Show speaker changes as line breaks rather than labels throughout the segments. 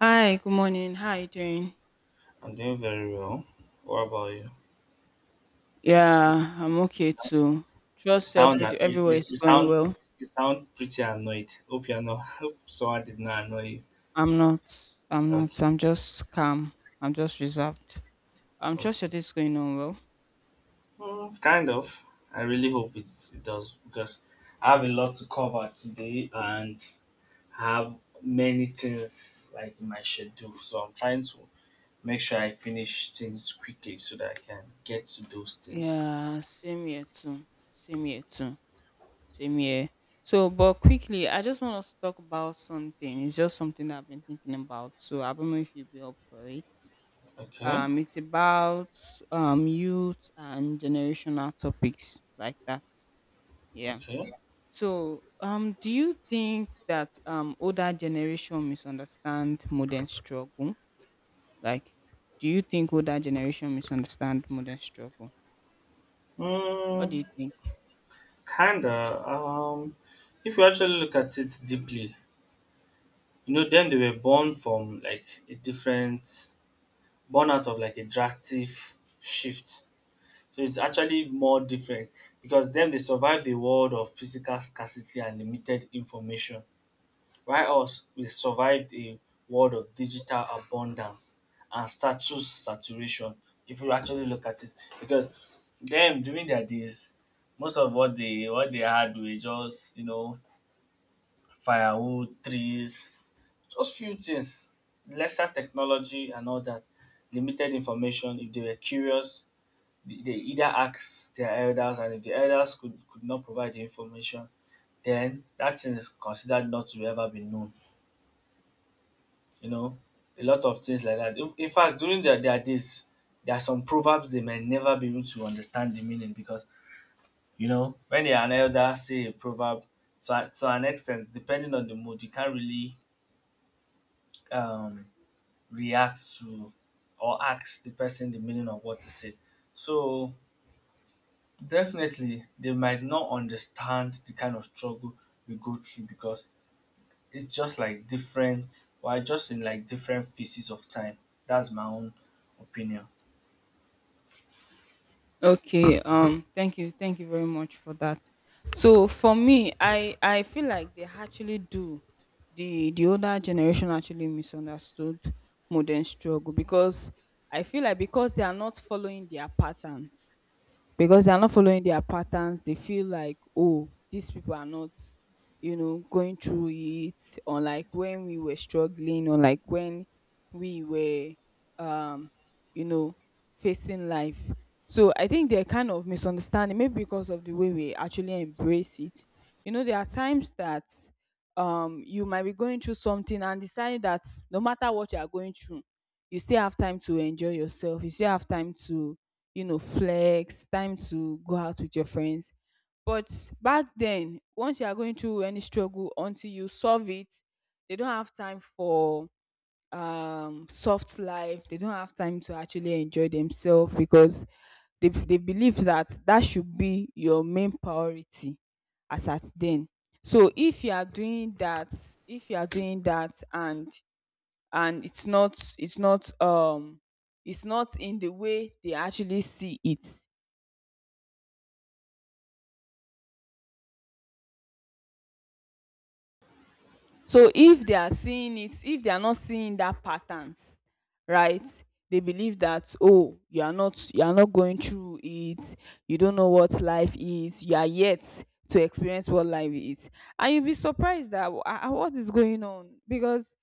Hi, good morning. How are you doing?
I'm doing very well. What about you? You
Yeah, I'm okay too. Trust
sound that you,
everywhere
you
is going well.
you sound pretty annoyed. Hope you're not. Hope someone did not annoy you.
I'm not. I'm not.
Okay,
I'm just calm. I'm just reserved. I'm trust your
okay.
day is going on well.
Mm, kind of. I really hope it does because I have a lot to cover today and have many things like in my schedule. So I'm trying to make sure I finish things quickly so that I can get to those things.
Yeah, same here too. Same here too. Same here. So, but quickly, I just want us to talk about something. It's just something that I've been thinking about. So I don't know if you'll be up for it.
Okay,
It's about youth and generational topics like that. Yeah.
okay.
So, do you think that older generation misunderstand modern struggle? Like, do you think older generation misunderstand modern struggle? What do
Mm,
you think?
kinda. If you actually look at it deeply, you know, them they were born from like born out of like a drastic shift. So it's actually more different because them they survived the world of physical scarcity and limited information, while us we survived a world of digital abundance and status saturation. If you actually look at it, because them during their days, most of what they had were just you know firewood, trees, just few things. Lesser technology and all that. Limited information. If they were curious, they either ask their elders and if the elders could not provide the information, then that thing is considered not to ever be known. You know, a lot of things like that. In fact, during their days, there are some proverbs they may never be able to understand the meaning because, you know, when they are an elder, say a proverb, to an extent, depending on the mood, you can't really um, react to or ask the person the meaning of what he said. So definitely they might not understand the kind of struggle we go through because it's just like different we just in like different phases of time. That's my own opinion.
Okay, thank you very much for that. So for me, I feel like they actually do. The older generation actually misunderstood modern struggle because I feel like because they are not following their patterns. Because they are not following their patterns. They feel like, oh, these people are not, you know, going through it, or like when we were struggling, or like when we were, you know, facing life. So I think they're kind of misunderstanding, maybe because of the way we actually embrace it. You know, there are times that you might be going through something and decide that no matter what you are going through, you still have time to enjoy yourself. You still have time to, you know, flex, time to go out with your friends. But back then, once you are going through any struggle, until you solve it, they don't have time for soft life. They don't have time to actually enjoy themselves because they believe that that should be your main priority as at then. So if you are doing that, if you are doing that, and and it's not it's not in the way they actually see it, so if they are seeing it, if they are not seeing that patterns, right, they believe that, oh, you are not going through it, you don't know what life is, you are yet to experience what life is, and you'll be surprised that, "Ah, ah, what is going on, because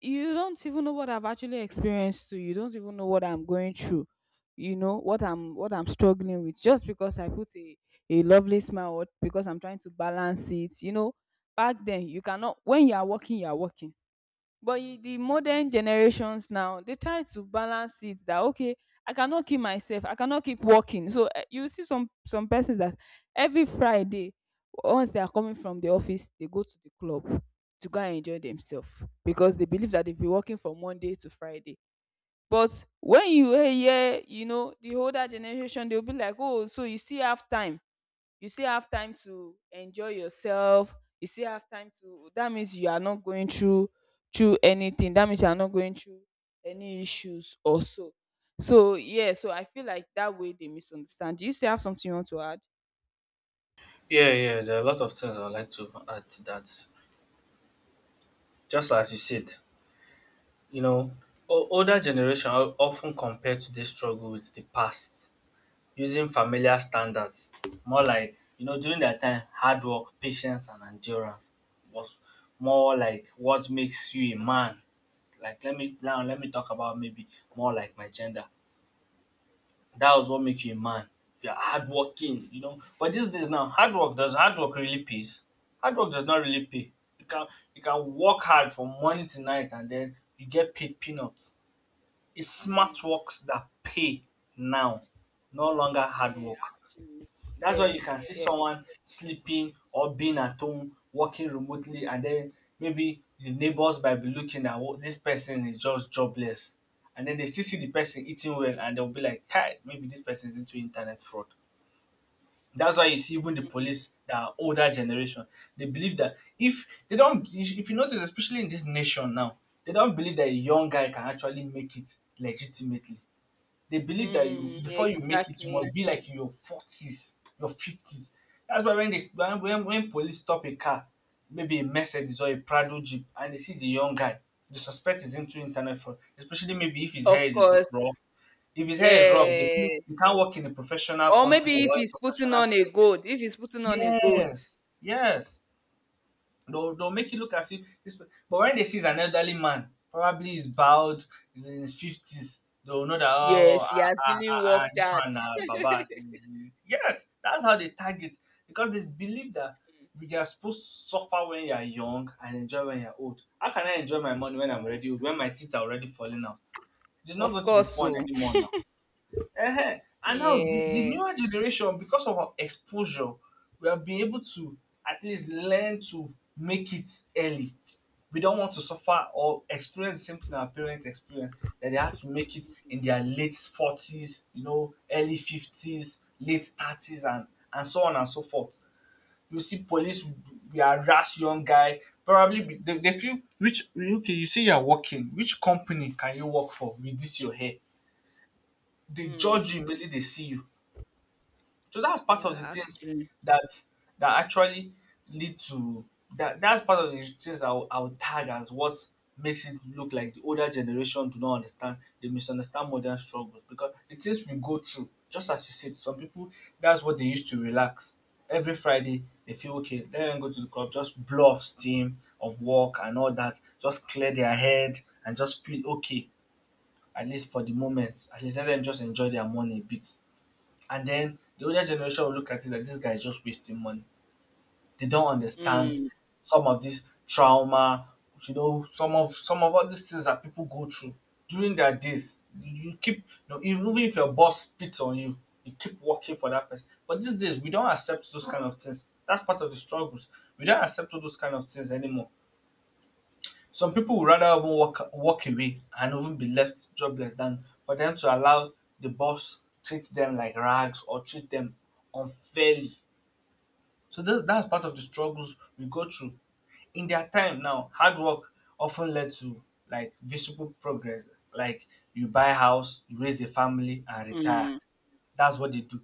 you don't even know what I've actually experienced too. You don't even know what I'm going through. You know what I'm struggling with, just because I put a lovely smile, or because I'm trying to balance it. You know, back then you cannot, when you are working, you are working. But you, the modern generations now, they try to balance it, that okay, I cannot keep myself, I cannot keep working. So, eh, you see some persons that every Friday, once they are coming from the office, they go to the club to go and enjoy themselves because they believe that they've been working from Monday to Friday. But when you hear, you know, the older generation, they'll be like, oh, so you still have time, you still have time to enjoy yourself, you still have time to, that means you are not going through, through anything, that means you are not going through any issues or so. So yeah, so I feel like that way they misunderstand. Do you still have something you want to add?
Yeah, yeah, there are a lot of things I'd like to add to that. Just as you said, you know, older generation are often compared to this struggle with the past using familiar standards, more like, you know, during that time, hard work, patience, and endurance was more like what makes you a man. Like, let me talk about maybe more like my gender. That was what make you a man. If you're hardworking, you know. But these days now, hard work really pays. Hard work does not really pay. You can you can work hard from morning to night and then you get paid peanuts. It's
Mm.
smart works that pay now, no longer hard
Yeah,
work.
actually.
That's why you can
Yes,
see someone
yes.
sleeping or being at home, working remotely, and then maybe the neighbors might be looking at what this person is just jobless. And then they still see the person eating well and they'll be like, Kai, maybe this person is into internet fraud. That's why you see even the
Mm,
police, the older generation, they believe that if they don't, if you notice, especially in this nation now, they don't believe that a young guy can actually make it legitimately. They believe that you
mm,
before you make it, you
exactly.
must be like in your forties, your fifties. That's why when they when police stop a car, maybe a Mercedes or a Prado Jeep, and they see the young guy, the suspect is into internet fraud. Especially maybe if his
Of
hair is a bit
course.
rough. If his hair is rough, they feel
Yes.
you can't work in a professional
Or
company
maybe if
or a
he's putting
professional
on a
setting.
good, if he's putting on a good.
Yes, yes. They'll make you look as if this. But when they see an elderly man, probably he's bald, he's in his fifties. They'll know that oh,
Yes, he
ah,
has
ah,
really
ah, ah,
worked
this
hard.
one, Baba. Yes, that's how they target because they believe that you are supposed to suffer when you are young and enjoy when you are old. How can I enjoy my money when I'm already old? When my teeth are already falling out, it is not
Of
going to be
course
fun
so.
anymore now. Ehen. And now the
Yeah.
newer generation, because of our exposure, we have been able to at least learn to make it early. We don't want to suffer or experience the same thing our parents experienced that they had to make it in their late 40s, you know, early 50s, late 30s, and so on and so forth. You see, police will harass young guy. Probably they feel which okay. You say you are working. Which company can you work for with this your hair? They judge you
Mm,
immediately they see you so that's part of
yeah,
the things
actually.
that that actually lead to that's part of the things I would tag as what makes it look like the older generation do not understand, they misunderstand modern struggles because the things we go through, just as you said, some people that's what they used to relax. Every Friday they feel okay, let them go to the club, just blow off steam of work and all that, just clear their head and just feel okay, at least for the moment. At least let them just enjoy their money a bit. And then the older generation will look at it like this guy is just wasting money. They don't understand
Mm,
some of this trauma, you know, some of all these things that people go through during their days. You keep you know, even if your boss spits on you, you keep working for that person. But these days we don't accept those kind of things. That's part of the struggles. We don't accept all those kind of things anymore. Some people would rather even walk away and even be left jobless than for them to allow the boss treat them like rags or treat them unfairly. So that's part of the struggles we go through. In their time now, hard work often led to like visible progress. Like you buy a house, you raise a family and retire.
mm.
That's what they do.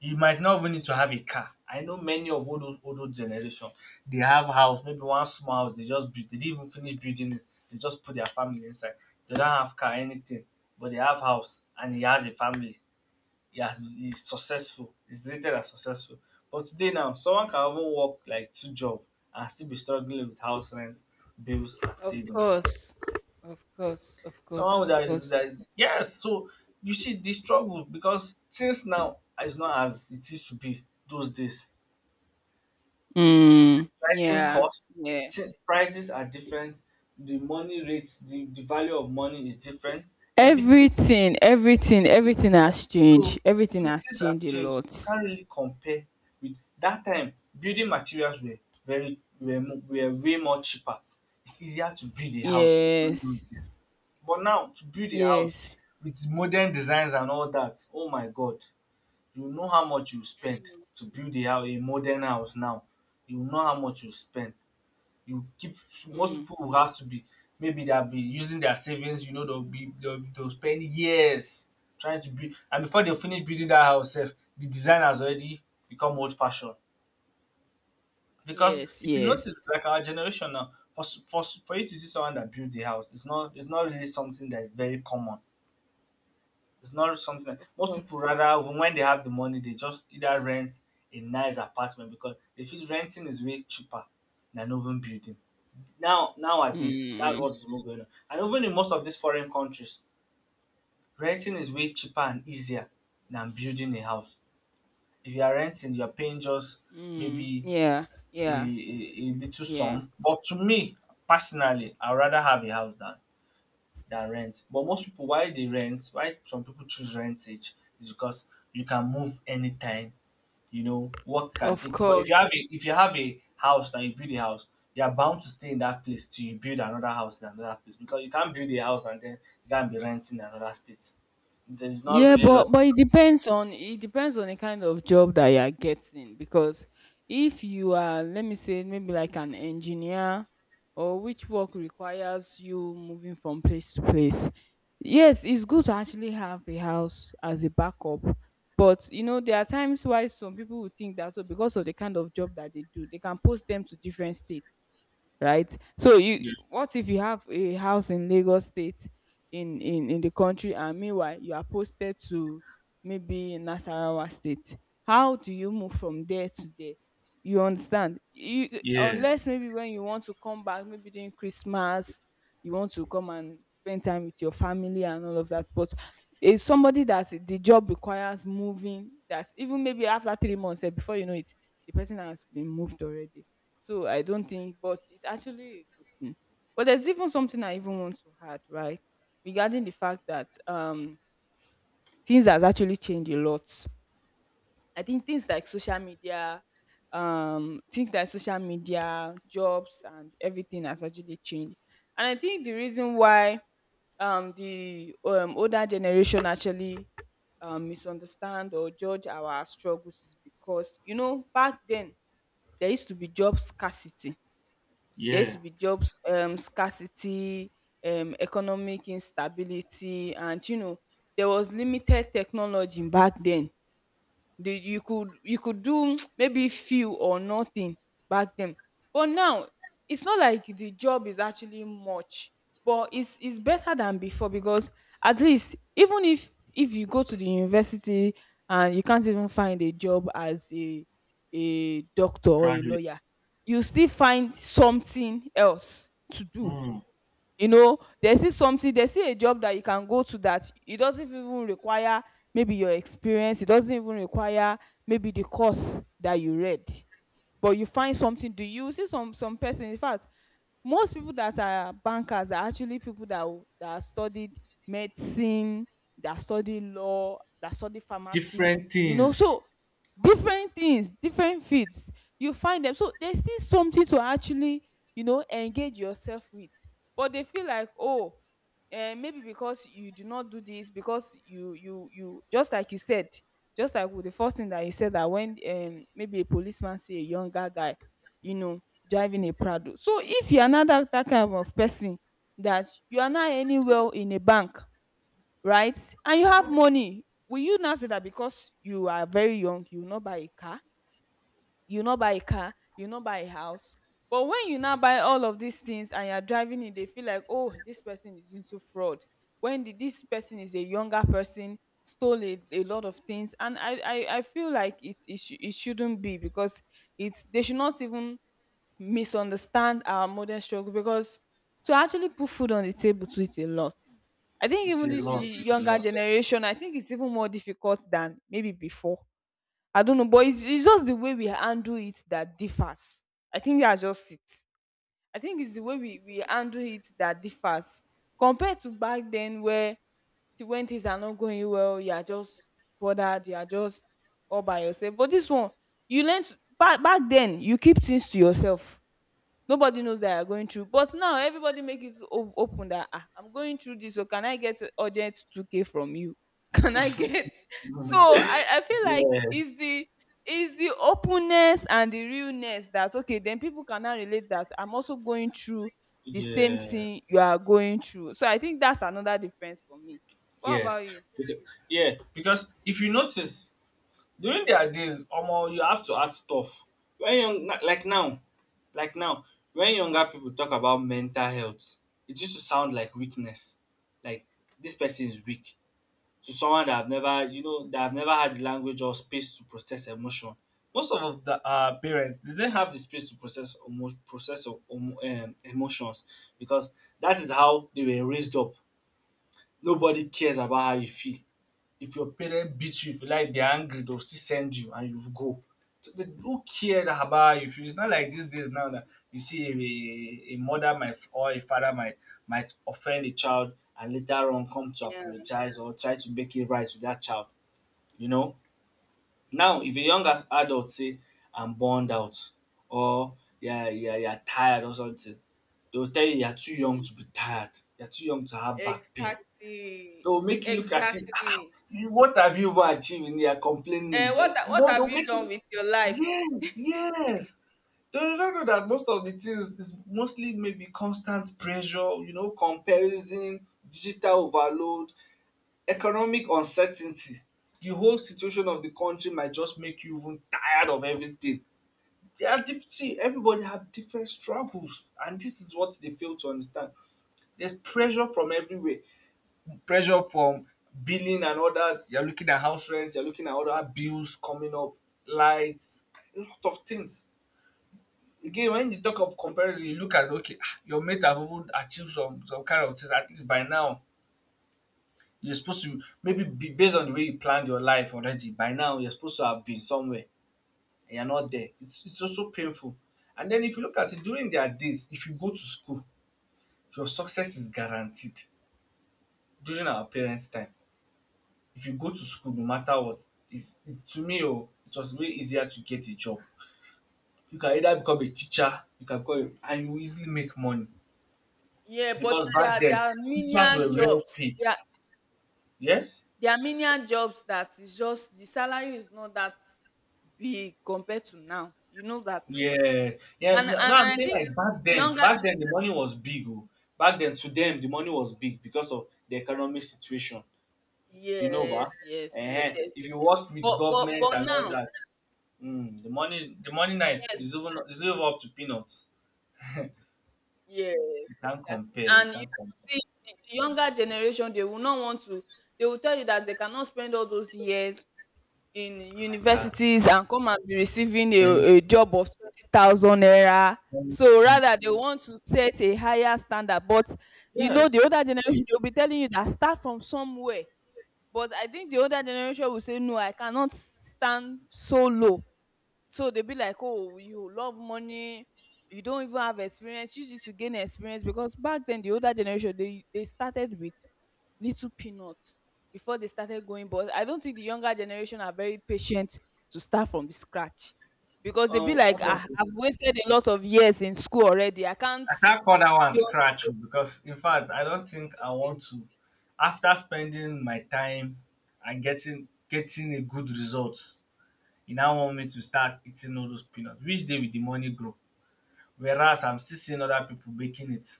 You might not even need to have a car. I know many of all those old generation, they have house, maybe one small house they just built. They didn't even finish building it. They just put their family inside. They don't have car, anything, but they have house and he has a family. He's successful. He's rated as successful. But today now, someone can even work like two jobs and still be struggling with house rent, bills, and
Of
savings.
course. Of course. Of course.
Someone
Of
that is
course.
that yes, so You see the struggle because things now is not as it used to be those days.
Mm,
Rising
yeah.
costs,
Yeah.
prices are different. The money rates, the value of money is different. Everything,
Everything,
everything
everything,
is different.
everything has
So,
changed. Everything
so
has
things have
changed a
changed. You
lot.
can't really compare with that time. Building materials were were way more cheaper. It's easier to build a house.
Yes.
But now to build a house
Yes.
with modern designs and all that, oh my god, you know how much you spend to build a modern house now. You know how much you spend you keep
Mm,
most
mm,
people will have to be maybe they'll be using their savings, you know, they'll spend years trying to build and before they finish building that house sef, the design has already become old fashioned. Because
yes,
if you
yes.
notice like our generation now, for you to see someone that built the house, it's not really something that is very common. It's not really something that
Of
most people
course.
rather when they have the money they just either rent a nice apartment because they feel renting is way cheaper than even building. Now, nowadays, that's
Mm,
what's even going on. And even in most of these foreign countries, renting is way cheaper and easier than building a house. If you are renting, you are paying just
mm,
maybe
yeah, yeah,
a little
yeah.
sum. But to me, personally, I'd rather have a house than rent. But most people, why some people choose rentage, is because you can move anytime. You know, work can
Of
take. But
course.
if you have a house and you build a house, you are bound to stay in that place till you build another house in another place because you can't build a house and then you can't be renting in another state. There's not
Yeah,
really lot.
but it depends on the kind of job that you are getting, because if you are, let me say, maybe like an engineer, or which work requires you moving from place to place. Yes, it's good to actually have a house as a backup. But you know, there are times why some people would think that, so because of the kind of job that they do, they can post them to different states, right? So you,
Yeah,
what if you have a house in Lagos state, in the country, and meanwhile you are posted to maybe Nasarawa state, how do you move from there to there? You understand? You,
yeah,
unless maybe when you want to come back, maybe during Christmas, you want to come and spend time with your family and all of that. But it's somebody that the job requires moving, that even maybe after 3 months, eh, before you know it, the person has been moved already. So I don't think, but it's actually a good thing. But there's even something I even want to add, right? Regarding the fact that things has actually changed a lot. I think things like social media, things like social media, jobs and everything has actually changed. And I think the reason why the older generation actually misunderstand or judge our struggles is because, you know, back then there used to be job scarcity. There used
yeah.
to be jobs, scarcity, economic instability, and you know, there was limited technology back then. The, you could, you could do maybe few or nothing back then. But now it's not like the job is actually much, but it's better than before, because at least even if you go to the university and you can't even find a job as a doctor or a
Graduate.
lawyer, you still find something else to do.
Hmm.
You know, there's still something, there's still a job that you can go to, that it doesn't even require maybe your experience, it doesn't even require maybe the course that you read, but you find something. Do you see some person? In fact, most people that are bankers are actually people that that studied medicine, that study law, that study pharmacy.
Different
You know,
things.
so different things, different fields, you find them. So there's still something to actually, you know, engage yourself with. But they feel like, oh, eh, maybe because you do not do this, because you just like you said, just like with the first thing that you said, that when, maybe a policeman see a younger guy, you know, driving a Prado, so if you are not that, that kind of person, that you are not anywhere in a bank, right, and you have money, will you now say that because you are very young you will not buy a car, you will not buy a car, you will not buy a house? But when you now buy all of these things and you are driving it, they feel like, oh, this person is into fraud, when the, this person is a younger person, stole a lot of things. And I feel like it it shouldn't be, because it's, they should not even misunderstand our modern struggle, because to actually put food on the table too is a lot. I think
It's
even
a
this
lot. It's a
younger
lot.
generation, I think it's even more difficult than maybe before. I don't know, but it's just the way we handle it that differs. I think that's just it. I think it's the way we handle it that differs compared to back then, where the, when things are not going well, you are just bothered, you are just all by yourself. But this one, you learn to, back then, you keep things to yourself, nobody knows that you're going through. But now everybody make it open that, ah, I'm going through this, so can I get urgent 2k from you? Can I get, so I feel like
Yeah,
it's the, it's the openness and the realness, that okay then people can now relate, that I'm also going through the same
yeah,
thing you are going through. So I think that's another difference for me. What
yes.
about you?
Beca- Yeah, because if you notice, during their days, omo you have to add stuff. When young na- like now like now when younger people talk about mental health, it used to sound like weakness. Like this person is weak to someone that have never you know that have never had the language or space to process emotion. Most of the parents dey didn't have the space to process omo emotions, because that is how they were raised up. Nobody cares about how you feel. If your parent beat you, if you like, they're angry, they'll still send you and you go. So they don't care about you. It's not like these days now that you see a mother might, or a father might offend a child and later on come to
Yeah.
apologize or try to make it right with that child. You know, now if a young adult say, "I'm burned out," or "Yeah, yeah, you're tired," or something, they'll tell you you're too young to be tired. You're too young to have back pain.
Exactly.
They'll make you look as if, "Ah, ah,
Exactly.
you- what have you even achieved? And they are
Eh,
complaining." They,
what
you
what
know, they'll
have you
make
done
you,
with your life?
yeah, yes. They don't know that most of the things is mostly maybe constant pressure, you know, comparison, digital overload, economic uncertainty. The whole situation of the country might just make you even tired of everything. They are see, everybody have different struggles, and this is what they fail to understand. There's pressure from everywhere, pressure from billing and all that. You're looking at house rent, you're looking at other bills coming up, lights, a lot of things. Again, when you talk of comparison, you look at, okay, ah, your mate have even achieved some kind of things. At least by now, you're supposed to maybe be, based on the way you planned your life already. By now, you're supposed to have been somewhere and you're not there. It's also painful. And then if you look at it, during their days, if you go to school, your success is guaranteed. During our parents' time, if you go to school, no matter what, is, to me, oh, it was way easier to get a job. You can either become a teacher, you can become a, and you easily make money,
Yeah, but
because
there
back
are, there
then
are
teachers
menial
were well
jobs.
paid, yes.
There are menial jobs, that is, just the salary is not that big compared to now. You know that,
Yeah, yeah,
and
now I'm
I
saying,
think
like, back
the
then
younger,
back then the money was big. Oh, back then, to them the money was big because of the economic situation, you know, ba,
yes, yes, yes, yes.
if you work with
But but
government
but
and all
now,
that. The money now is
yes,
is even is even up to peanuts.
yes,
You can't
exactly.
compare, you
And you
can't compare.
see the younger generation, they will not want to, they will tell you that they cannot spend all those years in
Yeah,
universities and come and be receiving
and
a job of 20,000 naira.
thank,
So rather they want to set a higher standard. But you know the
yes.
older generation, they will be telling you that start from somewhere. But I think the older generation will say, "No, I cannot stand so low." So they'll be like, "Oh, you love money, you don't even have experience, use it to gain experience." Because back then the older generation, they started with little peanuts before they started going. But I don't think the younger generation are very patient to start from scratch, because they'll be like,
Honestly,
"I've wasted a lot of years in school already, I
I
can't."
can't call that one
You understand?
scratch oh, because, in fact, I don't think I want to. After spending my time and getting a good result, you now want me to start eating all those peanuts. Which day will the money grow? Whereas I'm still seeing other people baking it.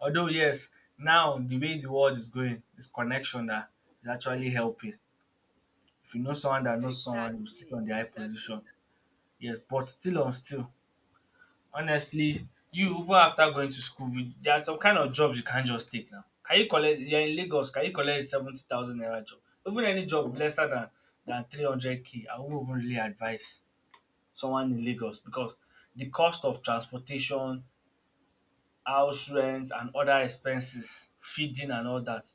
Although yes, now, the way the world is going, it's connection that is actually helping. If you know someone that knows someone, you sit on
Exactly,
the high position.
exactly.
Yes, but still on still, honestly, you, even after going to school, there are some kind of jobs you can't just take now. Can you collect? You're in Lagos. Can you collect 70,000 naira job? Even any job lesser than 300K, I won't even really advise someone in Lagos, because the cost of transportation, house rent, and other expenses, feeding and all that,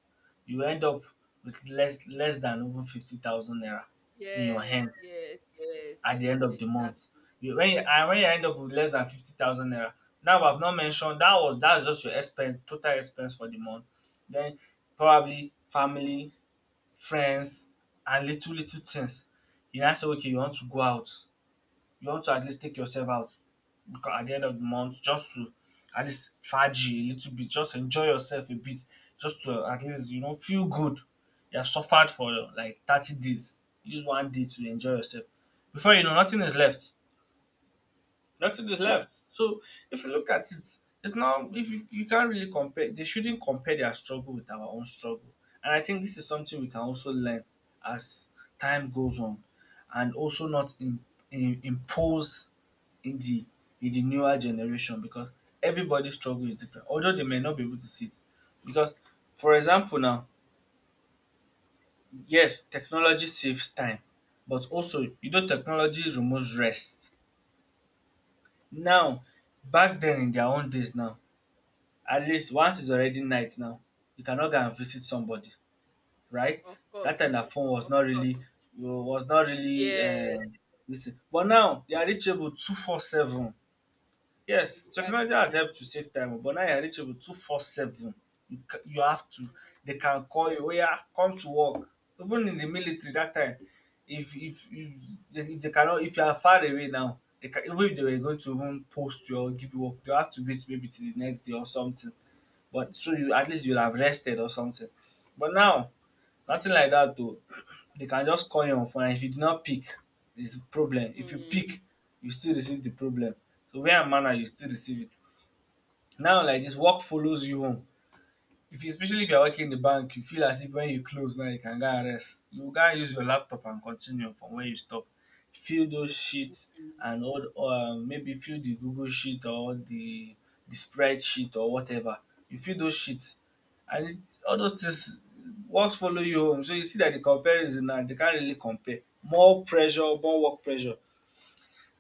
you end up with less than even 50,000 naira in your
Yes,
hand
yes, yes.
at the end of the month.
Exactly.
You, when you, and when you end up with less than 50,000 naira, now I've not mentioned that was, that's just your expense, total expense for the month. Then probably family, friends, and little little things. You now say, okay, you want to go out, you want to at least take yourself out, because at the end of the month, just to at least fadge a little bit, just enjoy yourself a bit, just to at least, you know, feel good. You have suffered for like 30 days, use one day to enjoy yourself, before you know, nothing is left, nothing is left. So if you look at it, it's now. If you can't really compare. They shouldn't compare their struggle with our own struggle, and I think this is something we can also learn as time goes on, and also not impose in the in the newer generation, because everybody's struggle is different, although they may not be able to see it. Because, for example now, yes, technology saves time, but also, you know, technology removes rest. Now, back then in their own days, now, at least once it's already night now, you cannot go and visit somebody, right?
Of
That
course,
time their phone was
of
not really,
course.
was not really,
Yes.
this thing. But now they are reachable 24/7. Yes, technology has
Exactly.
helped to save time, but now you're reachable 247. You, you have to, they can call you, "Oh, yeah, come to work." Even in the military that time, if if if, if they cannot, if you are far away now, they can, even if they were going to even post you or give you work, you have to wait maybe till the next day or something. But so you at least you'll have rested or something. But now, nothing like that though. They can just call you on phone, and if you do not pick, it's a problem. If you
Yeah.
pick, you still receive the problem. So where am I, you still receive it. Now like this, work follows you home. If you, especially if you are working in the bank, you feel as if wen you close now you can go and rest. You gats use your laptop and continue from where you stop. Fill those sheet
Mm,
and all, maybe fill the Google sheet or the sprite sheet or whatever. You fill those sheet and it, all those things, works follow you home. So you see dat the comparison now, dey can't really compare. More pressure, more work pressure.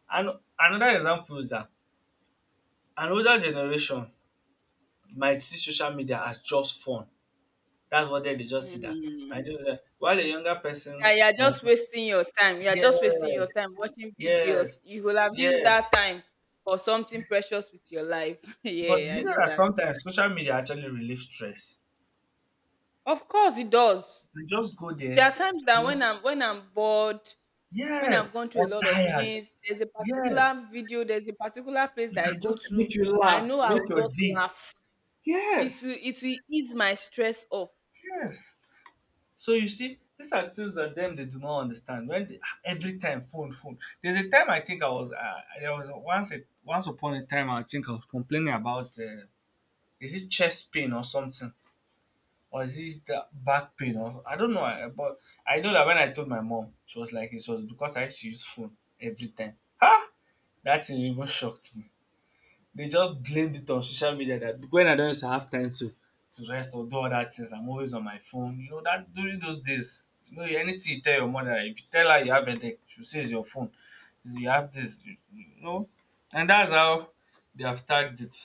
And another example is dat another generation might see social media as just fun. That's what they just see that.
mm.
And just while a younger
Yeah,
person
you're
might,
just wasting your time. You're just wasting your
yes,
time watching
yes,
videos. You will have used
yes.
that time for something precious with your life.
But
Yeah,
you
I
know
know
that
that.
sometimes social media actually relieves stress.
Of course it does.
You just go there,
There are times
you
that
know,
when I'm bored, when I've
yes,
gone through a
I'm
lot of
tired.
things, there's a
Yes.
particular video, there's a particular place
You
that I
can
go
just
to.
make you
I know
laugh,
I
make
will
your
just
day.
laugh. It
Yes,
will it will ease my stress off.
yes. So you see, these are things that them they do not understand. When they, ah, every time, phone, phone. There's a time, I think I was there was once upon a time, I think I was complaining about, is it chest pain or something? Or is it the back pain? Or I don't know. I, but I know that when I told my mom, she was like, it was because I used to use phone every time. Ha! That thing even shocked me. They just blamed it on social media, that when I don't used to have time to rest or do other things, I'm always on my phone. You know that during those days, you know, anything you tell your mother, if you tell her you have a headache, she say it's your phone. You have this, you know, and that's how they have tagged it.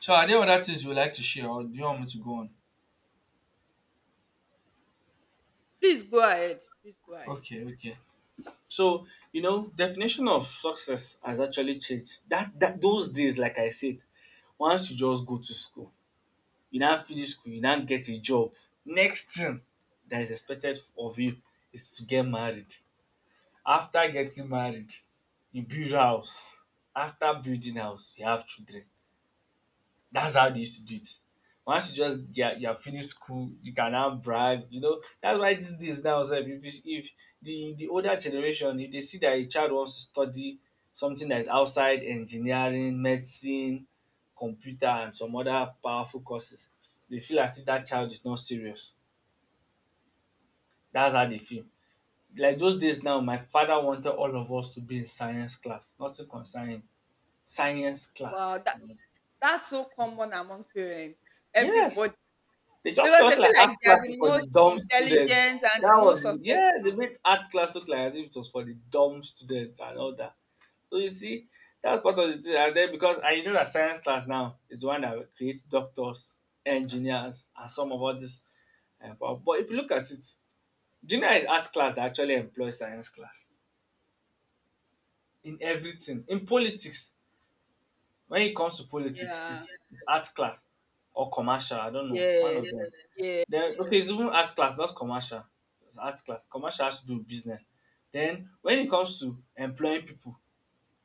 So are there other things you would like to share, or do you want me to go on?
Please go ahead. Please go ahead.
Okay, okay. So, you know, definition of success has actually changed. That those days, like I said, once you just go to school, you now finish school, you now get a job. Next thing that is expected of you is to get married. After getting married, you build house. After building house, you have children. That's how they used to do it. Once you just, yeah, you have finished school, you can now brag. You know, that's why these days now, sef, if if the older generation, if they see that a child wants to study something that is outside engineering, medicine, computer, and some other powerful courses, they feel as if that child is not serious. That's how they feel. Like those days now, my father wanted all of us to be in science class, nothing concerning science
Wow,
class.
that's so common among parents.
Yes,
Everybody,
they just
because they
felt like
feel
art
like they are
classes
the
for the
most
dumb students.
intelligent and the
That
most
was, yeah, they
successful.
made art class look like as if it was for the dumb students and all that. So you see, that's part of the thing. And then, because I, you know that science class now is the one that creates doctors, engineers, and some of all this. But if you look at it, junior is art class that actually employs science class in everything, in politics. When it comes to politics,
Yeah.
it's art class or commercial. I don't know. One of,
Yes.
yeah, them. Yeah.
Yeah.
Then okay, it's even art class, not commercial. It's art class. Commercial has to do with business. Then when it comes to employing people,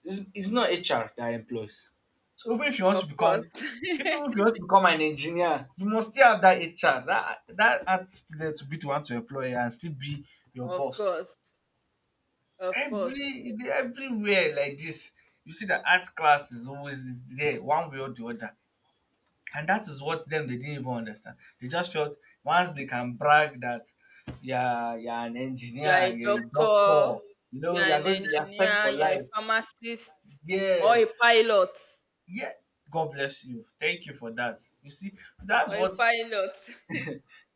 it's not HR that employs. So even if you want
Of
to become,
course.
an engineer, you must still have that HR, that art student to be the one to employ and still be your
Of
boss.
course. Of course.
Everywhere like this, you see that art class is always is there one way or the other. And that is what them they didn't even understand. They just felt once they can brag that you're an
You are
engineer,
a
you're a
doctor,
doctor, you know,
you are an
you're first
engineer,
for
you are
life.
a pharmacist, or a
Yes.
pilot.
Yeah. God bless you. Thank you for that. You see, that's
Or a
what
pilot.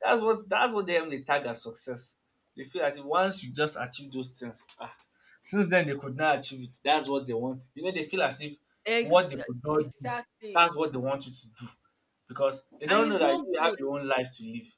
that's what them they tag as success. They feel as if once you just achieve those things, ah, since then they could not achieve it. That's what they want. You know, they feel as if
Ex-
what they could not do,
exactly.
that's what they want you to do. Because they
And
don't know
it's
that
not
you have
good.
your own life to live.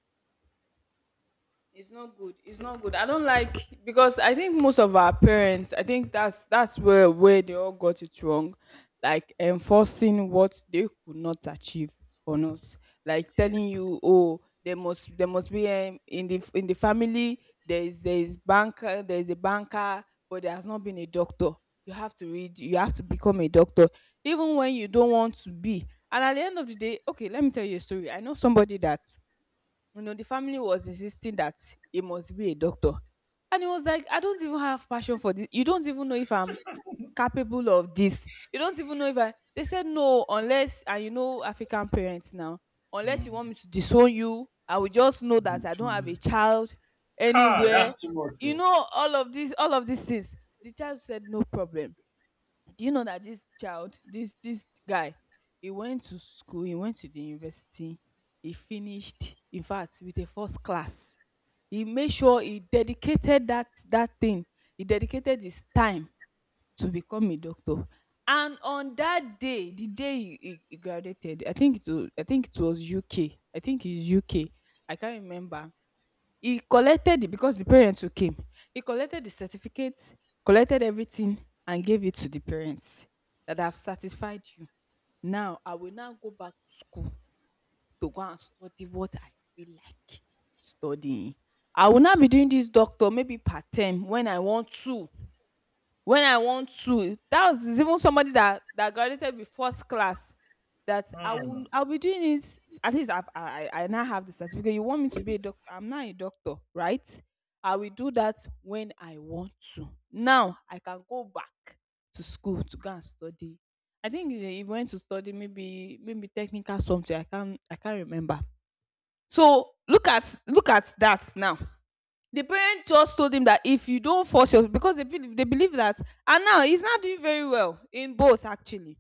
It's not good. It's not good. I don't like, because I think most of our parents, I think that's where they all got it wrong. Like enforcing what they could not achieve on us. Like telling
Yes.
you, oh, there must be in the family there is a banker, but there has not been a doctor. You have to read. You have to become a doctor, even when you don't want to be. And at the end of the day, okay, let me tell you a story. I know somebody that, the family was insisting that he must be a doctor. And he was like, "I don't even have passion for this, you don't even know if I'm capable of this, you don't even know if I—" They said, "No, unless—" And you know African parents now, "Unless you want
Mm,
me to disown you, I will just know that
you
I don't
do
have
this
a
thing.
child
Ha,
anywhere."
that's too much.
You
Oh.
know, all of these things, the child said, "No problem." Do you know that this child this this guy, he went to school, he went to the university, he finished in fact with a first class. He made sure he dedicated that thing, he dedicated his time to become a doctor. And on that day, the day he graduated, I think it was UK, I think it's UK, I can't remember. He collected the because the parents who came, he collected the certificates, collected everything, and gave it to the parents. "That, have satisfied you. Now i will now go back to school to go and study what I feel like studying. I will now be doing this doctor maybe part time when I want to. That was even somebody that graduated with first class. "That, I will
Hmm.
I'll be doing it. At least I now have the certificate. You want me to be a doctor? I'm not a doctor, right? I will do that when I want to. Now I can go back to school to go and study." I think he went to study maybe technical something. I can't remember. So look at that now, the parent just told him that, if you don't force yourself, because they believe that, and now he's not doing very well in both actually,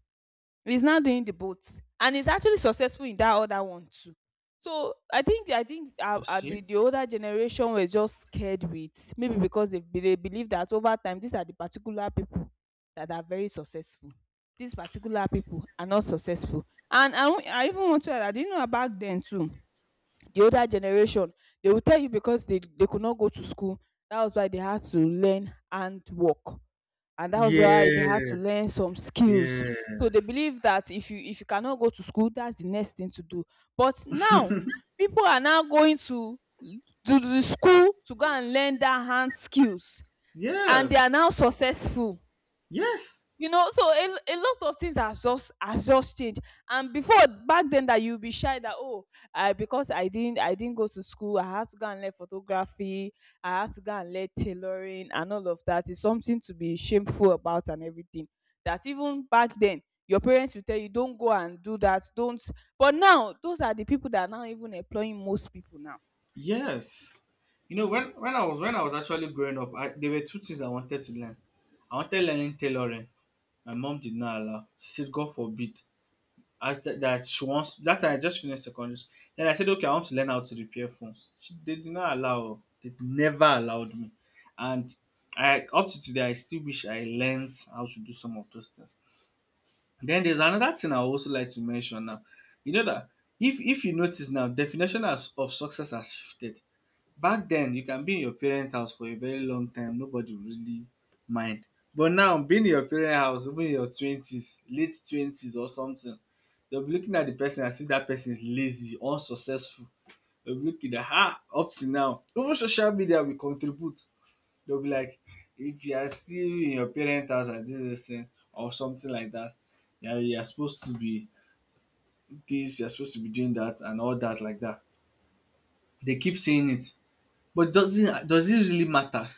he's not doing the both, and he's actually successful in that other one too. So I think
You
the,
see?
the older generation were just scared with, maybe because they believe that over time these are the particular people that are very successful, these particular people are not successful. And I, won't- I even want to add, I didn't know back then too, the older generation, they will tell you, because they could not go to school, that was why they had to learn hand work, and that was why they had to
Yes,
learn some skills. So they
yes,
believe that if you cannot go to school, that's the next thing to do. But now people are now going to the school to go and learn their hand skills, and they are
yes,
now successful.
yes.
You know, so a lot of things has just changed. And before, back then, that you'll be shy that, "Oh, I, because I didn't go to school, I had to go and learn photography, I had to go and learn tailoring," and all of that is something to be shameful about and everything. That even back then your parents will tell you, "Don't go and do that, don't." But now those are the people that are now even employing most people now.
Yes. You know, when I was actually growing up, I, there were two things I wanted to learn. I wanted learning tailoring. My mom did not allow. She said, God forbid. That she wants that time I just finished secondary school. Then I said, okay, I want to learn how to repair phones. She they did not allow. They never allowed me. And I up to today I still wish I learned how to do some of those things. Then there's another thing I would also like to mention now. You know that if you notice now, definition as, of success has shifted. Back then, you can be in your parents' house for a very long time, nobody will really mind. But now, being in your parents' house, even in your 20s, late 20s or something, you'll be looking at the person and see that person is lazy, unsuccessful. You'll be looking at, ah, up to now. Even social media will contribute. They'll be like, if you are still in your parents' house and this thing, or something like that, yeah, you're supposed to be this, you're supposed to be doing that, and all that, like that. They keep saying it. But doesn't does it really matter?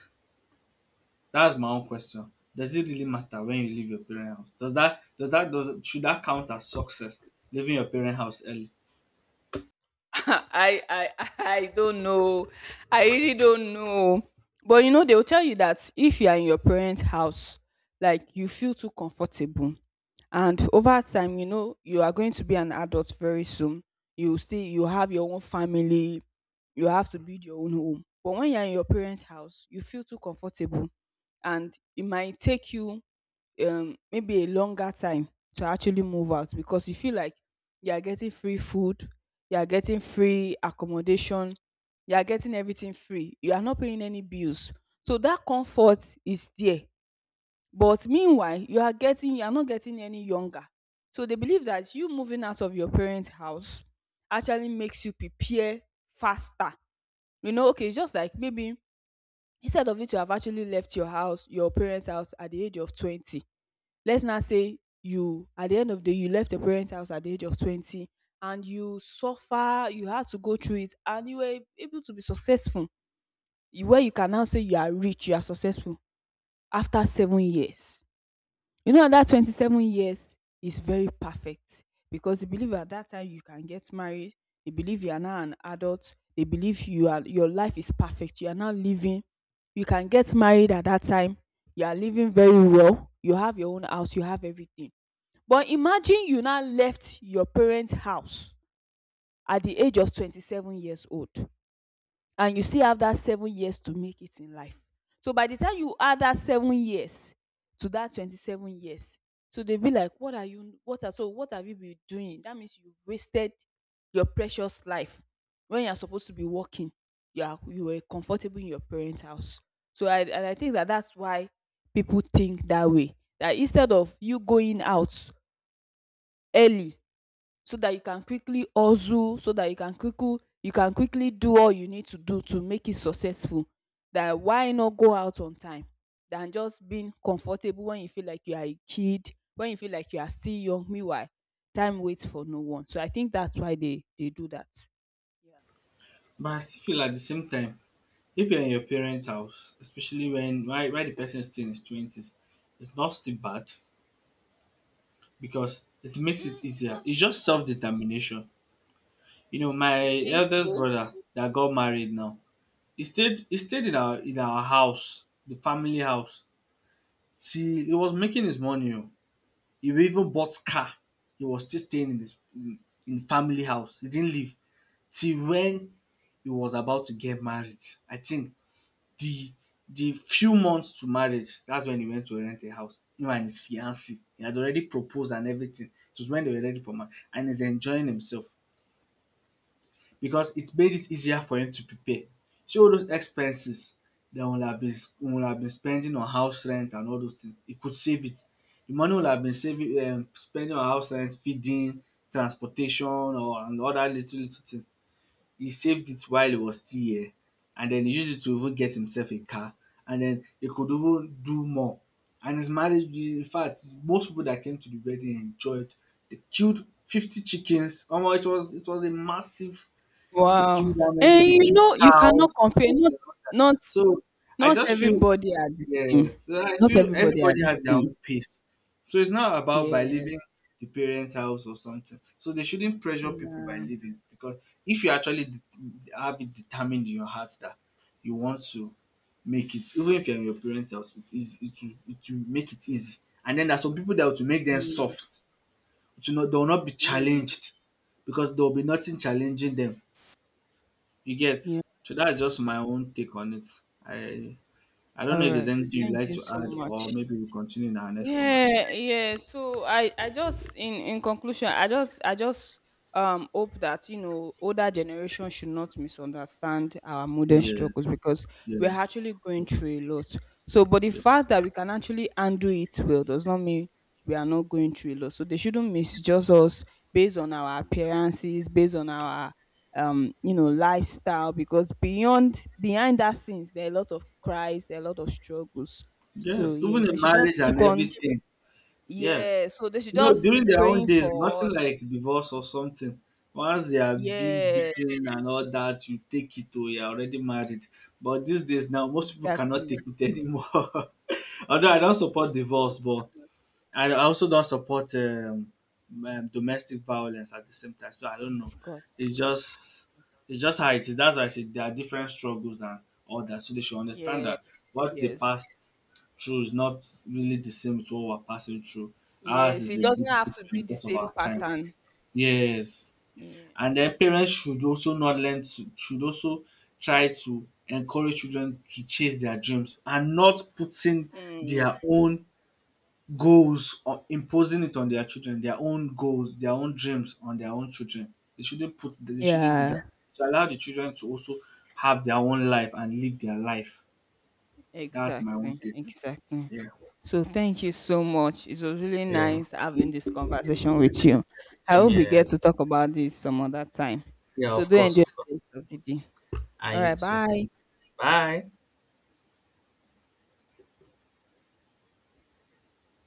That's my own question. Does it really matter when you leave your parent house? Does that does that does should that count as success leaving your parent house early?
I I I don't know. I really don't know. But you know, they'll tell you that if you are in your parents' house, like you feel too comfortable. And over time, you know, you are going to be an adult very soon. You have your own family, you have to build your own home. But when you're in your parents' house, you feel too comfortable. And it might take you maybe a longer time to actually move out because you feel like you are getting free food, you are getting free accommodation, you are getting everything free. You are not paying any bills. So that comfort is there. But meanwhile, you are not getting any younger. So they believe that you moving out of your parents' house actually makes you prepare faster. You know, okay, it's just like maybe instead of it to have actually left your house, your parents' house at the age of 20, let's now say you, at the end of the day, you left your parents house at the age of 20, and you suffer, you had to go through it, and you were able to be successful, where you can now say you are rich, you are successful, after 7 years. You know that 27 years is very perfect, because they believe at that time you can get married, they believe you are now an adult, they believe your life is perfect, you are now living, you can get married at that time, you are living very well, you have your own house, you have everything. But imagine you now left your parents' house at the age of 27 years old, and you still have that 7 years to make it in life. So by the time you add that 7 years to that 27 years, so they'll be like, "What are you, what are so what have you been doing? That means you wasted your precious life when you're supposed to be working. You were comfortable in your parents' house." So, I and I think that's why people think that way. That instead of you going out early so that you can quickly hustle, so that you can quickly do all you need to do to make it successful, that why not go out on time than just being comfortable, when you feel like you are a kid, when you feel like you are still young, meanwhile time waits for no one. So I think that's why they do that. Yeah.
But I still feel at the same time, if you're in your parents' house, especially when why the person is still in his twenties, it's not still bad because it makes
Mm,
it
it's
easier.
not
It's
still
just
bad.
self determination. You know,
You
my
think
eldest
so?
brother that got married now, he stayed in our house, the family house, till he was making his money. Oh. He even bought car. He was still staying in in family house. He didn't leave till when he was about to get married. I think the the few months to marriage, that's when he went to rent a house. Him and his fiancée. He had already proposed and everything. It was when they were ready for marriage and he's enjoying himself because it made it easier for him to prepare. See all those expenses that would have been we would have been spending on house rent and all those things, he could save it. The money would have been saving spending on house rent, feeding, transportation or and other little little things. He saved it while he was still here and then he used it to even get himself a car and then he could even do more. And his marriage in fact most people that came to the wedding enjoyed. They killed 50 chickens. Omo it was a massive they
Wow.
killed how many?
And
They
you
killed
know you cannot
cows.
compare.
Goats and all.
Not
So I
Not
just feel
everybody are the same.
yes. So I
Not
feel
everybody are
everybody
the
has their
same.
own pace. So it's not about by leaving
Yes.
the parent house or something. So they shouldn't pressure people by
Yeah.
leaving because if you actually have it determined in your heart that you want to make it, even if you're in your parent house, it's easy. It will make it easy. And then there's some people that will make them
Mm,
soft. It will not, they will not be
mm.
challenged because there will be nothing challenging them. You get.
Yeah.
So that's just my own take on it. I I don't know
All
if there's
right.
anything you'd
Thank
like
you
to
so
add, or
much.
maybe we continue in our next
Yeah,
conversation.
yeah, so I just, in conclusion, I just hope that, you know, older generation should not misunderstand our modern
Yeah.
struggles, because we're
Yes.
actually going
Yes.
through a lot. So, but the
Yes.
fact that we can actually undo it well does not mean we are not going through a lot, so they shouldn't misjudge us based on our appearances, based on our you know lifestyle, because beyond behind that scenes there are a lot of cries, there are a lot of struggles. So
Yes.
yeah,
Even
they
in
should
marriage
just
and
keep on,
everything. Yes.
yeah, so they should
You know,
just be
during their own
praying
days,
for
nothing
us.
like divorce or something. Once they are being
Yes,
beaten and all that, you take it to you're already married. But these days now, most people cannot take
exactly.
it anymore. Although I
Yes,
don't support
yes, yes,
divorce,
they
but
cannot.
I also don't support domestic violence at the same time. So I don't know.
Of course.
It's just it's just how it is. That's why I said there are different struggles and all that. So they should understand
Yes,
that what they
yes.
passed through is not really the same as what we're passing through. Ours
Yes,
is
it
a bit
doesn't have to be
different
the
because of
same
our time.
pattern.
Yes.
Yeah.
And then
Yeah.
parents should also not learn to should also try to encourage children to chase their dreams and not putting
Mm.
their own goals or imposing it on their children, their own goals, their own dreams on their own children. They shouldn't do that.
Yeah,
So allow the children to also have their own life and live their life. That's my own
exactly.
take.
Exactly.
Yeah.
So thank you so much. It was really
Yeah,
nice having this conversation with you. I
same
hope we get
here.
to talk about this some other time.
Yeah,
So
of
do
course,
enjoy
of course.
the rest of the day.
And
All
you
right,
too.
bye.
Bye.